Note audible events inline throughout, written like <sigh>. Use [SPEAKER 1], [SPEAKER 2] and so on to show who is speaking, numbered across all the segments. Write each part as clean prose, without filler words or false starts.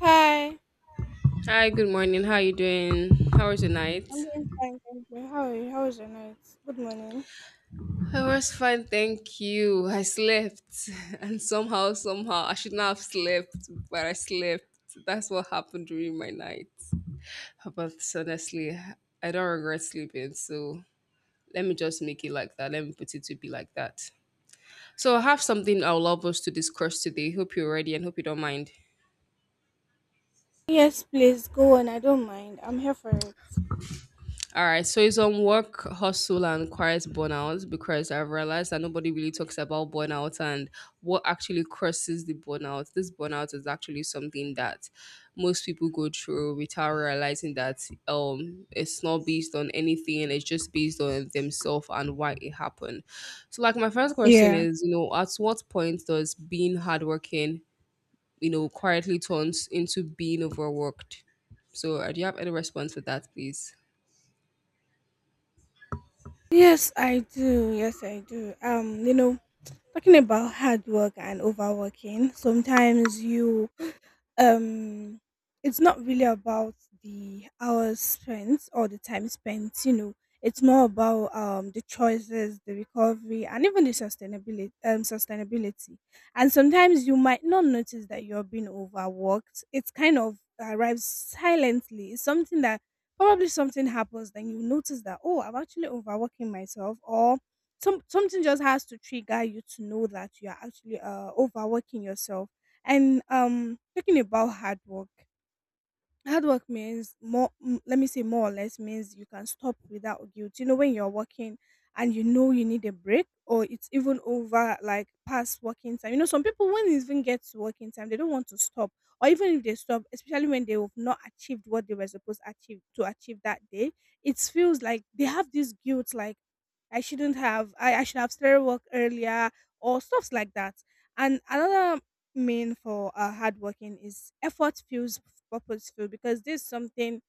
[SPEAKER 1] Hi,
[SPEAKER 2] Hi, good morning. How are you doing? How was your
[SPEAKER 1] I'm
[SPEAKER 2] night?
[SPEAKER 1] doing fine, thank you. How are you? How was your night? Good morning.
[SPEAKER 2] I was fine, thank you. I slept, <laughs> and somehow, I should not have slept, but I slept. That's what happened during my night. But honestly, I don't regret sleeping, so let me just make it like that. Let me put it to be like that. So, I have something I would love us to discuss today. Hope you're ready and hope you don't mind.
[SPEAKER 1] Yes, please go on. I don't mind. I'm here for it.
[SPEAKER 2] All right, so it's on work, hustle, and quiet burnout because I've realized that nobody really talks about burnout and what actually causes the burnout. This burnout is actually something that most people go through without realizing that it's not based on anything, it's just based on themselves and why it happened. So, like, my first question
[SPEAKER 1] Yeah.
[SPEAKER 2] is, you know, at what point does being hardworking, you know, quietly turns into being overworked? So, do you have any response for that, please?
[SPEAKER 1] Yes, I do. Yes, I do. Talking about hard work and overworking, sometimes you um it's not really about the hours spent or the time spent, you know, it's more about the choices, the recovery, and even the sustainability, sustainability. And sometimes you might not notice that you're being overworked. It kind of arrives silently. It's something that probably something happens, then you notice that, oh, I'm actually overworking myself, or something just has to trigger you to know that you're actually overworking yourself. And talking about hard work means more let me say more or less means you can stop without guilt, you know, when you're working and you know you need a break, or it's even over, like past working time. You know, some people, when it even gets to working time, they don't want to stop, or even if they stop, especially when they have not achieved what they were supposed achieve to achieve that day, it feels like they have this guilt, like I shouldn't have I should have started work earlier, or stuffs like that. And another mean for hard working is effort feels purposeful, because this is something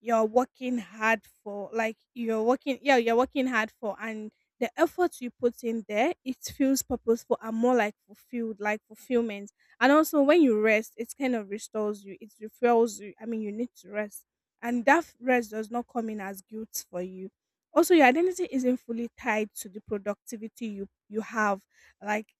[SPEAKER 1] you're working hard for, like you're working, yeah, you're working hard for, and the effort you put in there, it feels purposeful and more like fulfilled, like fulfillment. And also when you rest, it kind of restores you, it refuels you. I mean, you need to rest, and that rest does not come in as guilt for you. Also your identity isn't fully tied to the productivity you have. Like,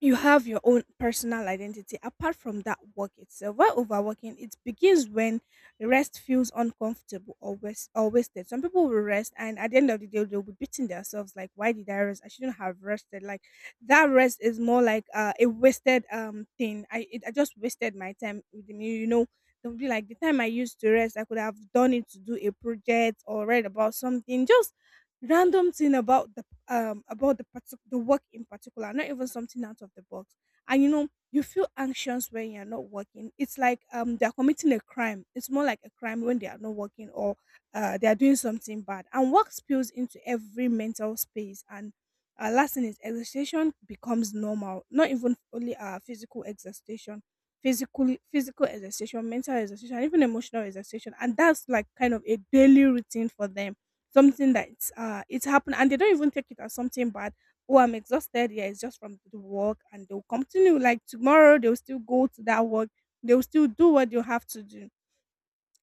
[SPEAKER 1] you have your own personal identity apart from that work itself. While overworking, it begins when rest feels uncomfortable or or wasted. Some people will rest, and at the end of the day, they'll be beating themselves like, "Why did I rest? I shouldn't have rested." Like that rest is more like a wasted thing. I just wasted my time. With the they'll be like the time I used to rest, I could have done it to do a project or read about something. Just random thing about the the work in particular, not even something out of the box. And you know, you feel anxious when you're not working. It's like they're committing a crime. It's more like a crime when they are not working, or they are doing something bad, and work spills into every mental space. And last thing is exhaustion becomes normal, not even only physical exhaustion. Physical exhaustion, mental exhaustion, even emotional exhaustion, and that's like kind of a daily routine for them. Something that's it's happened and they don't even take it as something bad. Oh, I'm exhausted. Yeah, it's just from the work, and they'll continue. Like tomorrow they'll still go to that work. They'll still do what you have to do.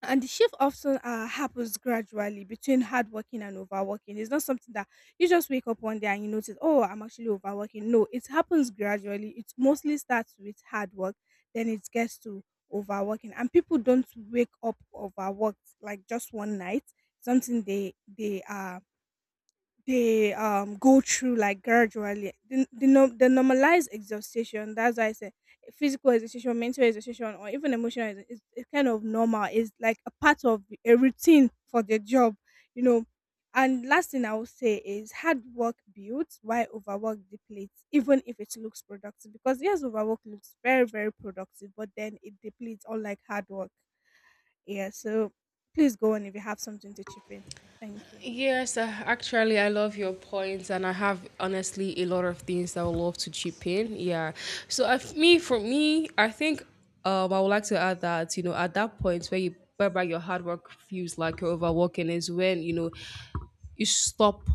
[SPEAKER 1] And the shift often happens gradually between hardworking and overworking. It's not something that you just wake up one day and you notice, oh, I'm actually overworking. No, it happens gradually. It mostly starts with hard work, then it gets to overworking. And people don't wake up overworked like just one night. Something they are they go through, like, gradually the normalized exhaustion. That's why I say physical exhaustion, mental exhaustion, or even emotional is kind of normal. It's like a part of a routine for the job, you know. And last thing I will say is hard work builds while overwork depletes, even if it looks productive, because yes, overwork looks very, very productive, but then it depletes, unlike hard work. Yeah, so please go on if you have something to chip in. Thank you.
[SPEAKER 2] Yes, actually, I love your points, and I have honestly a lot of things that I would love to chip in. Yeah, so I f me for me, I think I would like to add that you know at that point whereby your hard work feels like you're overworking is when you know you stop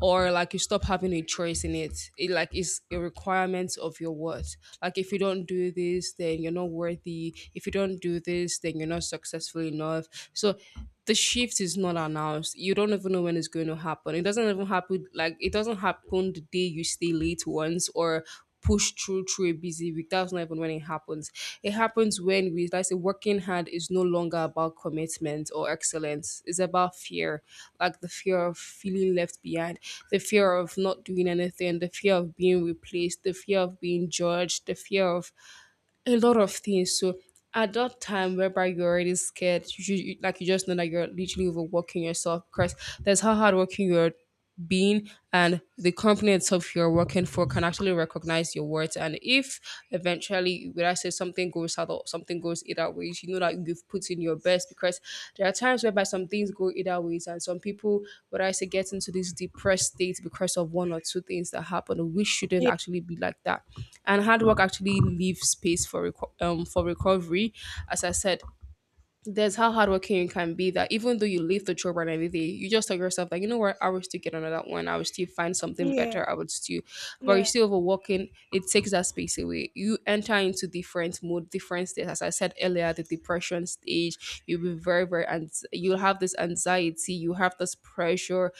[SPEAKER 2] or like you stop having a choice in it. It like is a requirement of your worth. Like if you don't do this, then you're not worthy. If you don't do this, then you're not successful enough. So the shift is not announced. You don't even know when it's going to happen. It doesn't happen the day you stay late once or push through a busy week. That's not even when it happens. It happens when, we like I say working hard is no longer about commitment or excellence. It's about fear, like the fear of feeling left behind, the fear of not doing anything, the fear of being replaced, the fear of being judged, the fear of a lot of things. So at that time, whereby you're already scared, like you just know that you're literally overworking yourself, because there's how hardworking you're being, and the company itself you're working for can actually recognize your worth. And if eventually, would I say, something goes south or something goes either ways, you know that you've put in your best, because there are times whereby some things go either ways and some people, would I say, get into this depressed state because of one or two things that happen. We shouldn't
[SPEAKER 1] Yeah,
[SPEAKER 2] actually be like that. And hard work actually leaves space for for recovery. As I said, there's how hardworking you can be that, even though you leave the job and everything, you just tell yourself that, you know what, I will still get another one. I will still find something
[SPEAKER 1] yeah,
[SPEAKER 2] better. I would still, but you're
[SPEAKER 1] yeah.
[SPEAKER 2] still overworking. It takes that space away. You enter into different mood, different states. As I said earlier, the depression stage. You'll be very, very, and you'll have this anxiety. You have this pressure,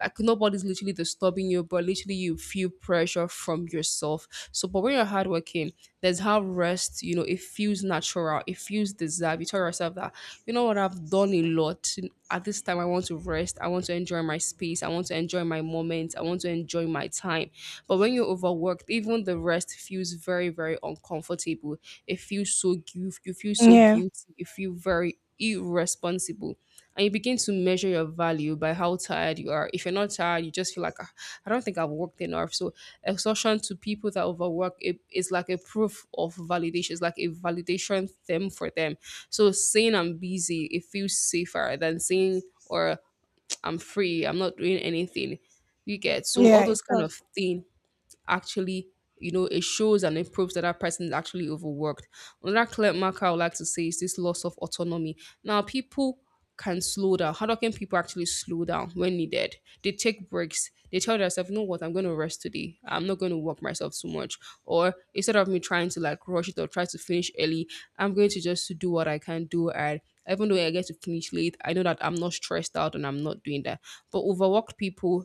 [SPEAKER 2] like nobody's literally disturbing you, but literally you feel pressure from yourself. So, but when you're hardworking, there's how rest, you know, it feels natural, it feels deserved. You tell yourself that, you know what, I've done a lot. At this time, I want to rest, I want to enjoy my space, I want to enjoy my moments, I want to enjoy my time. But when you're overworked, even the rest feels very, very uncomfortable. It feels so guilty, you feel so
[SPEAKER 1] Yeah,
[SPEAKER 2] guilty, you feel very irresponsible, and you begin to measure your value by how tired you are. If you're not tired, you just feel like, "Ah, I don't think I've worked enough." So exhaustion, to people that overwork, it is like a proof of validation. It's like a validation thing for them. So saying I'm busy, it feels safer than saying, or, I'm free, I'm not doing anything. You get, so
[SPEAKER 1] yeah,
[SPEAKER 2] all
[SPEAKER 1] it
[SPEAKER 2] those kind
[SPEAKER 1] does.
[SPEAKER 2] of thing actually, you know, it shows and it proves that that person is actually overworked. Another clear marker I would like to say is this loss of autonomy. Now, people can slow down. How can people actually slow down when needed? They take breaks, they tell themselves, you know what, I'm going to rest today, I'm not going to work myself too much, or instead of me trying to like rush it or try to finish early, I'm going to just do what I can do, and even though I get to finish late, I know that I'm not stressed out and I'm not doing that. But overworked people,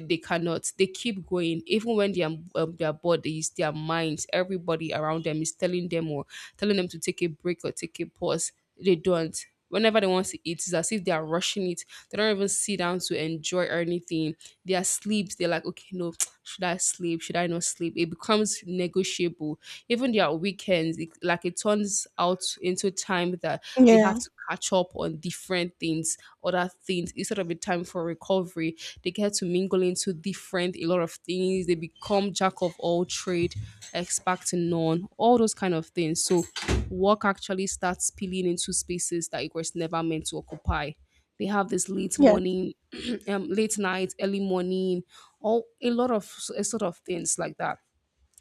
[SPEAKER 2] they cannot, they keep going even when they are, their bodies, their minds, everybody around them is telling them, or telling them to take a break or take a pause, they don't. Whenever they want to eat, it's as if they are rushing it, they don't even sit down to enjoy or anything. They are sleeps, they're like, okay, no, <tsk> should I sleep, should I not sleep, it becomes negotiable. Even their weekends, it, like, it turns out into time that they
[SPEAKER 1] Yeah,
[SPEAKER 2] have to catch up on different things, other things, instead of a time for recovery. They get to mingle into different, a lot of things. They become jack of all trade, expert to none, all those kind of things. So work actually starts spilling into spaces that it was never meant to occupy. They have this late
[SPEAKER 1] yes,
[SPEAKER 2] morning, <clears throat> late night, early morning, all a lot of s- a sort of things like that.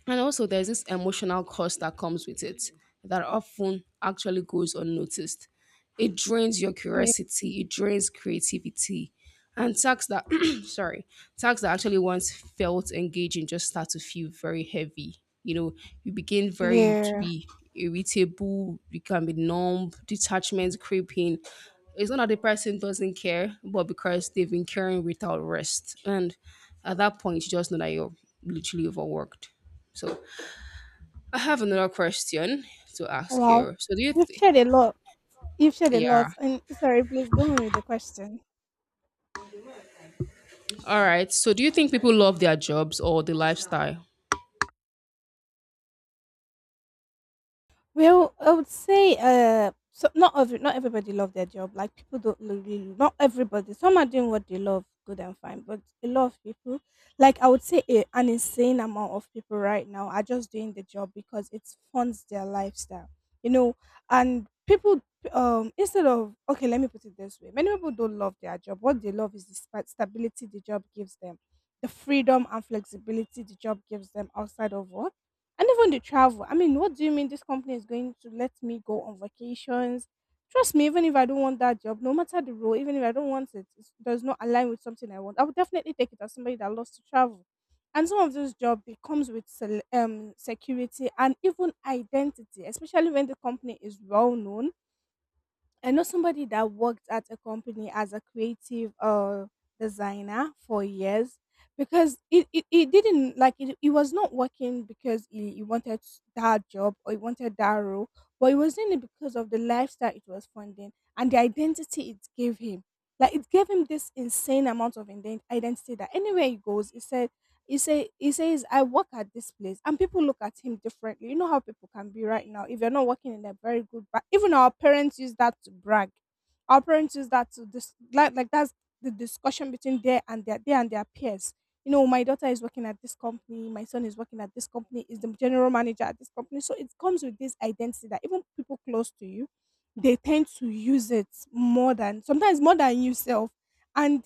[SPEAKER 2] And also, there's this emotional cost that comes with it that often actually goes unnoticed. It drains your
[SPEAKER 1] yeah,
[SPEAKER 2] curiosity, it drains creativity, and tasks that, <clears throat> sorry, tasks that actually once felt engaging just start to feel very heavy. You know, you begin very to
[SPEAKER 1] yeah.
[SPEAKER 2] be irritable, you can be numb, detachment creeping. It's not that the person doesn't care, but because they've been caring without rest. And at that point, you just know that you're literally overworked. So I have another question to ask
[SPEAKER 1] Wow,
[SPEAKER 2] here. So do you
[SPEAKER 1] you've
[SPEAKER 2] think?
[SPEAKER 1] shared a lot. You've shared a
[SPEAKER 2] Yeah.
[SPEAKER 1] lot. And sorry, please go on with the question.
[SPEAKER 2] All right. So do you think people love their jobs or the lifestyle?
[SPEAKER 1] Well, I would say, not not everybody love their job. Like people don't really, not everybody. Some are doing what they love, good and fine. But a lot of people, like I would say, an insane amount of people right now are just doing the job because it funds their lifestyle. You know, and people instead of, okay, let me put it this way: many people don't love their job. What they love is the stability the job gives them, the freedom and flexibility the job gives them outside of work, and even the travel. I mean, what do you mean this company is going to let me go on vacations? Trust me, even if I don't want that job, no matter the role, even if I don't want it, it does not align with something I want, I would definitely take it as somebody that loves to travel. And some of those jobs it comes with security and even identity, especially when the company is well known. I know somebody that worked at a company as a creative designer for years, because it didn't like it was not working because he wanted that job, or he wanted that role, but it was doing it because of the lifestyle it was funding and the identity it gave him. Like it gave him this insane amount of identity that anywhere he goes, he said he says I work at this place and people look at him differently. You know how people can be right now. If you're not working in a very good even our parents use that to brag. Our parents use that to like that's the discussion between there and their they and their peers. You know, my daughter is working at this company, my son is working at this company, is the general manager at this company. So it comes with this identity that even people close to you, they tend to use it more than, sometimes more than yourself. And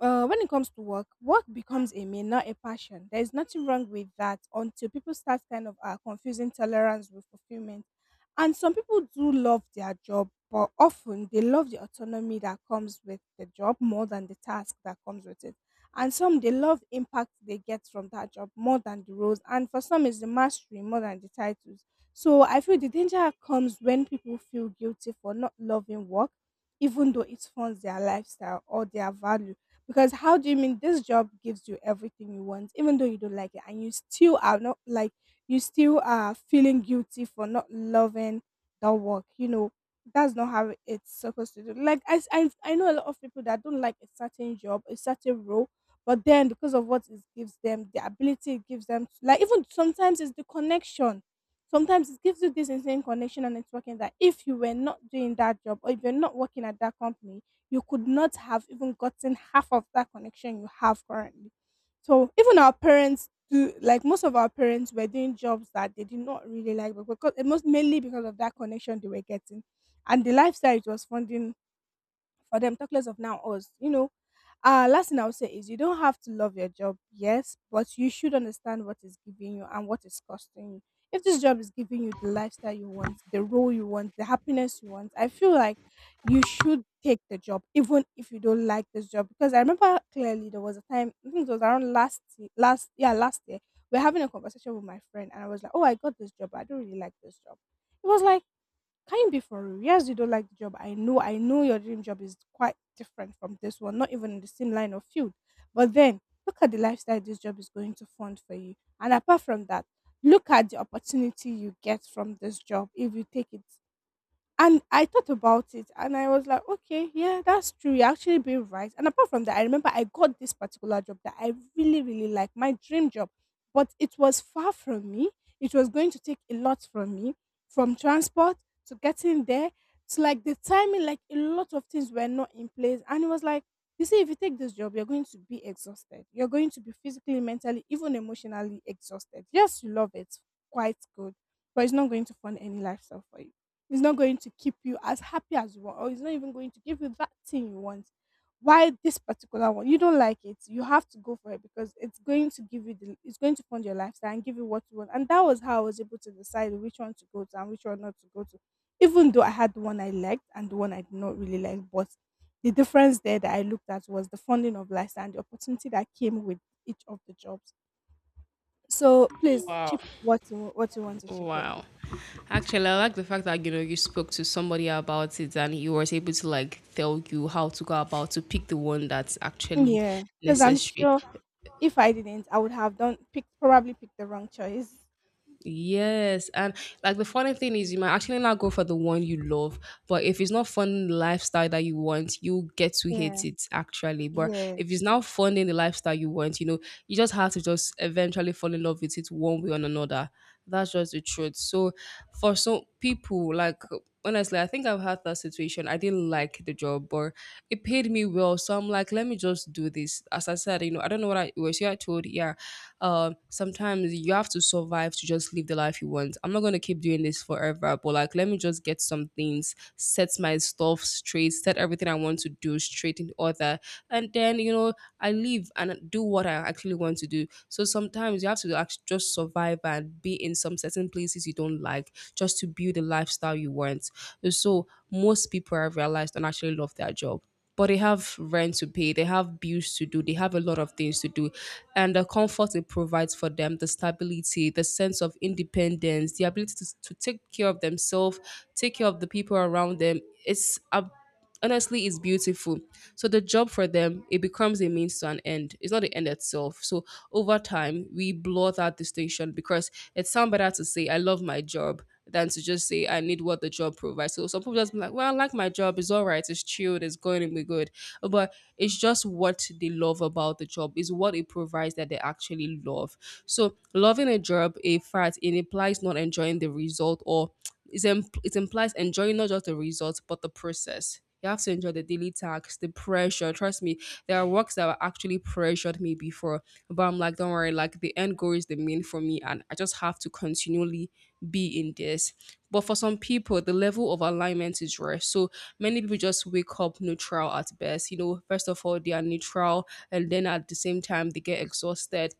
[SPEAKER 1] when it comes to work, work becomes a mean, not a passion. There is nothing wrong with that until people start kind of confusing tolerance with fulfillment. And some people do love their job, but often they love the autonomy that comes with the job more than the task that comes with it. And some they love impact they get from that job more than the roles. And for some, it's the mastery more than the titles. So I feel the danger comes when people feel guilty for not loving work, even though it funds their lifestyle or their value, because how do you mean this job gives you everything you want, even though you don't like it, and you still are not like you still are feeling guilty for not loving that work? You know, that's not how it's supposed to do. Like I know a lot of people that don't like a certain job, a certain role, but then because of what it gives them, the ability it gives them, like even sometimes it's the connection. Sometimes it gives you this insane connection and networking that if you were not doing that job or if you're not working at that company, you could not have even gotten half of that connection you have currently. So even our parents do, like most of our parents were doing jobs that they did not really like, but because it most mainly because of that connection they were getting and the lifestyle it was funding for them, talk less of now us. You know, last thing I would say is you don't have to love your job, yes, but you should understand what is giving you and what is costing you. If this job is giving you the lifestyle you want, the role you want, the happiness you want, I feel like you should take the job, even if you don't like this job. Because I remember clearly there was a time, I think it was around last ye- last yeah, last year, we are having a conversation with my friend and I was like, oh, I got this job, but I don't really like this job. It was like, can you be for real? Yes, you don't like the job. I know your dream job is quite different from this one, not even in the same line of field. But then look at the lifestyle this job is going to fund for you. And apart from that, look at the opportunity you get from this job if you take it. And I thought about it and I was like, okay, yeah, that's true. You're actually being right. And apart from that, I remember I got this particular job that I really, really like, my dream job. But it was far from me. It was going to take a lot from me, from transport to getting there to like the timing, like a lot of things were not in place. And it was like, you see, if you take this job, you're going to be exhausted. You're going to be physically, mentally, even emotionally exhausted. Yes, you love it. Quite good. But it's not going to fund any lifestyle for you. It's not going to keep you as happy as you want, or it's not even going to give you that thing you want. Why this particular one? You don't like it. You have to go for it because it's going to give you the it's going to fund your lifestyle and give you what you want. And that was how I was able to decide which one to go to and which one not to go to. Even though I had the one I liked and the one I did not really like, but the difference there that I looked at was the funding of lifestyle and the opportunity that came with each of the jobs. So please
[SPEAKER 2] Wow.
[SPEAKER 1] chip what you want to chip in.
[SPEAKER 2] Wow. Actually, I like the fact that you know you spoke to somebody about it and he was able to like tell you how to go about to pick the one that's actually
[SPEAKER 1] Yeah, because I'm
[SPEAKER 2] necessary.
[SPEAKER 1] sure if I didn't, I would have done picked, probably picked the wrong choice.
[SPEAKER 2] Yes, and like the funny thing is, you might actually not go for the one you love, but if it's not fun the lifestyle that you want, you get to hate
[SPEAKER 1] Yeah.
[SPEAKER 2] it actually. But
[SPEAKER 1] Yeah.
[SPEAKER 2] if it's now fun the lifestyle you want, you know, you just have to just eventually fall in love with it one way or another. That's just the truth. So for some people, like honestly, I think I've had that situation. I didn't like the job, but it paid me well. So I'm like, let me just do this. As I said, you know, I don't know what I was. Here I told, yeah. Sometimes you have to survive to just live the life you want. I'm not gonna keep doing this forever, but like, let me just get some things, set my stuff straight, set everything I want to do straight in order, and then you know, I live and do what I actually want to do. So sometimes you have to just survive and be in some certain places you don't like just to build the lifestyle you want. So most people have realized and actually love their job. But they have rent to pay, they have bills to do, they have a lot of things to do. And the comfort it provides for them, the stability, the sense of independence, the ability to take care of themselves, take care of the people around them, it's a, honestly is beautiful. So the job for them, it becomes a means to an end. It's not the end itself. So over time, we blur that distinction because it sounds better to say, I love my job, than to just say I need what the job provides. So some people just be like, well, I like my job, it's all right, it's chilled, it's going to be good. But it's just what they love about the job, is what it provides that they actually love. So loving a job, a fact, it implies not enjoying the result, or, it implies enjoying not just the result but the process. You have to enjoy the daily tasks, the pressure. Trust me, there are works that were actually pressured me before, but I'm like, don't worry, like the end goal is the main for me, and I just have to continually be in this. But for some people, the level of alignment is rare. So many people just wake up neutral at best. You know, first of all, they are neutral, and then at the same time, they get exhausted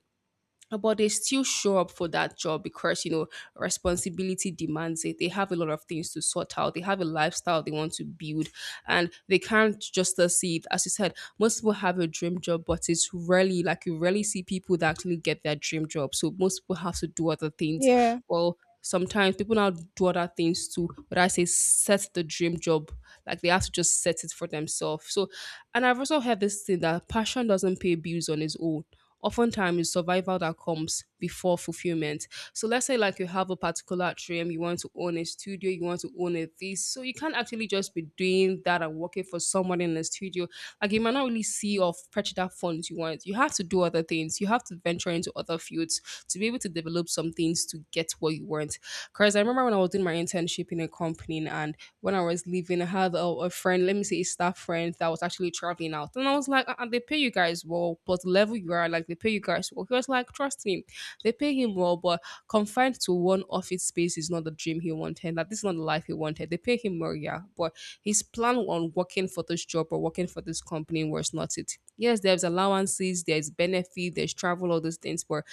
[SPEAKER 2] but they still show up for that job because you know responsibility demands it. They have a lot of things to sort out, they have a lifestyle they want to build, and they can't just see it. As you said, most people have a dream job but it's rarely like, you rarely see people that actually get their dream job, so most people have to do other things.
[SPEAKER 1] Yeah.
[SPEAKER 2] Well, sometimes people now do other things too, but I say set the dream job. Like they have to just set it for themselves. So, and I've also heard this thing that passion doesn't pay bills on its own. Oftentimes, it's survival that comes before fulfillment. So, let's say like you have a particular dream, you want to own a studio, you want to own a this. So, you can't actually just be doing that and working for someone in the studio, like you might not really see or fetch that funds you want. You have to do other things. You have to venture into other fields to be able to develop up some things to get what you want. Because I remember when I was doing my internship in a company and when I was leaving, I had a friend, let me say a staff friend that was actually traveling out. And I was like, they pay you guys well, but the level you are, like they pay you guys well. He was like, trust him, they pay him well, but confined to one office space is not the dream he wanted. That this is not the life he wanted. They pay him more, yeah, but his plan on working for this job or working for this company was not it. Yes, there's allowances, there's benefit, there's travel, all those things, but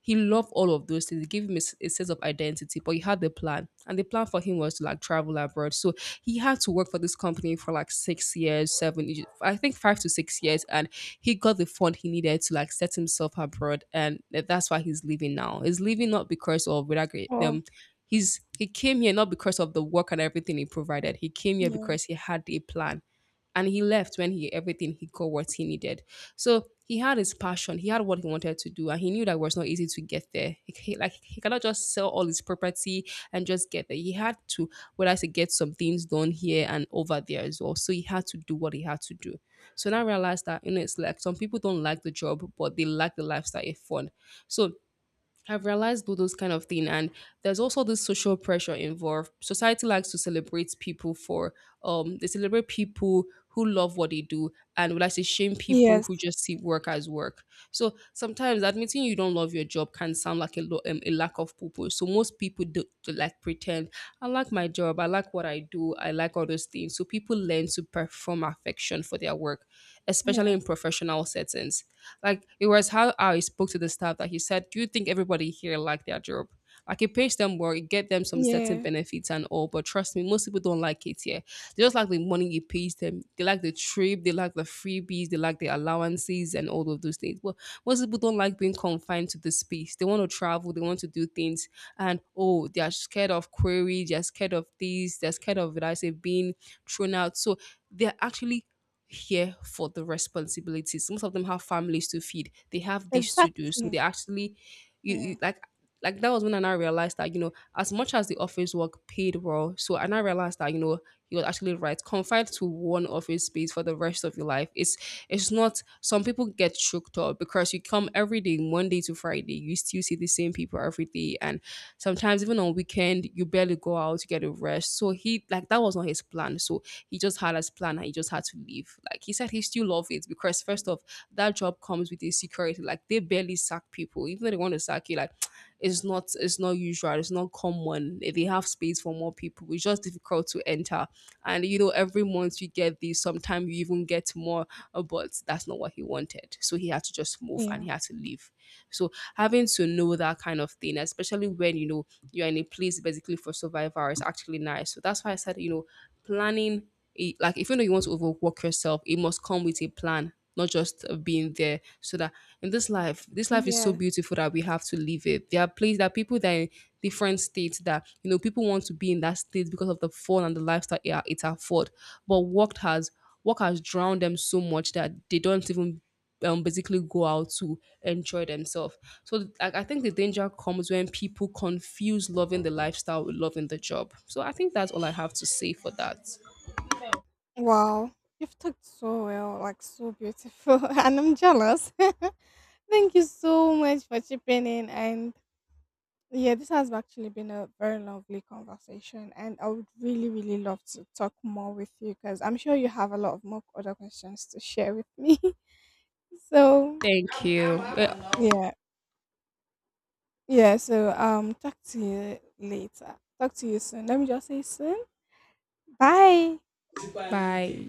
[SPEAKER 2] he loved all of those things. It gave him a, a sense of identity, but he had the plan. And the plan for him was to like travel abroad. So he had to work for this company for like 6 years, seven, I think 5 to 6 years. And he got the fund he needed to like set himself abroad. And that's why he's leaving now. He's leaving not because of without great,
[SPEAKER 1] Oh,
[SPEAKER 2] he came here not because of the work and everything he provided. He came here
[SPEAKER 1] yeah.
[SPEAKER 2] because he had a plan, and he left when he, everything, he got what he needed. So he had his passion, he had what he wanted to do, and he knew that it was not easy to get there. He, like he cannot just sell all his property and just get there. He had to whether to get some things done here and over there as well. So he had to do what he had to do. So now I realized that, you know, it's like some people don't like the job, but they like the lifestyle it fun. So I've realized all those kind of thing, and there's also this social pressure involved. Society likes to celebrate people for they celebrate people who love what they do, and would like to shame people
[SPEAKER 1] Yes.
[SPEAKER 2] who just see work as work. So sometimes admitting you don't love your job can sound like a, a lack of purpose. So most people do like pretend, I like my job, I like what I do, I like all those things. So people learn to perform affection for their work, especially
[SPEAKER 1] Yeah.
[SPEAKER 2] in professional settings. Like it was how I spoke to the staff that he said, do you think everybody here like their job? Like it pays them well, it get them some certain
[SPEAKER 1] Yeah.
[SPEAKER 2] benefits and all, but trust me, most people don't like it here. They just like the money it pays them. They like the trip, they like the freebies, they like the allowances and all of those things. But most people don't like being confined to the space. They want to travel, they want to do things, and oh, they are scared of queries, they're scared of this, they're scared of, like I say, being thrown out. So they're actually here for the responsibilities. Most of them have families to feed. They have this to do. So
[SPEAKER 1] Exactly.
[SPEAKER 2] they actually, you,
[SPEAKER 1] Yeah.
[SPEAKER 2] you- like, like that was when I now realized that, you know, as much as the office work paid well, so I now realized that, you know, you was actually right. Confined to one office space for the rest of your life is, it's not, some people get choked up because you come every day, Monday to Friday, you still see the same people every day. And sometimes even on weekend, you barely go out to get a rest. So he like that was not his plan. So he just had his plan and he just had to leave. Like he said he still loved it because first off, that job comes with a security. Like they barely sack people. Even if they want to sack you, like it's not usual, it's not common, they have space for more people, it's just difficult to enter. And you know every month you get these, sometimes you even get more, but that's not what he wanted, so he had to just move and
[SPEAKER 1] Yeah.
[SPEAKER 2] he had to leave. So having to know that kind of thing, especially when you know you're in a place basically for survival, is actually nice. So that's why I said, you know, planning. Like if you know you want to overwork yourself, it must come with a plan, not just being there. So that in this life is so
[SPEAKER 1] Yeah.
[SPEAKER 2] beautiful that we have to live it. There are places that people that are in different states that you know people want to be in that state because of the fun and the lifestyle it afford, but work has drowned them so much that they don't even basically go out to enjoy themselves. So I think the danger comes when people confuse loving the lifestyle with loving the job. So I think that's all I have to say for that.
[SPEAKER 1] Wow. You've talked so well, like so beautiful, <laughs> and I'm jealous. <laughs> Thank you so much for chipping in. And yeah, this has actually been a very lovely conversation. And I would really, really love to talk more with you because I'm sure you have a lot of more other questions to share with me. <laughs> So
[SPEAKER 2] Thank you.
[SPEAKER 1] yeah, yeah. So talk to you later. Talk to you soon. Let me just say soon. Bye.
[SPEAKER 2] Bye.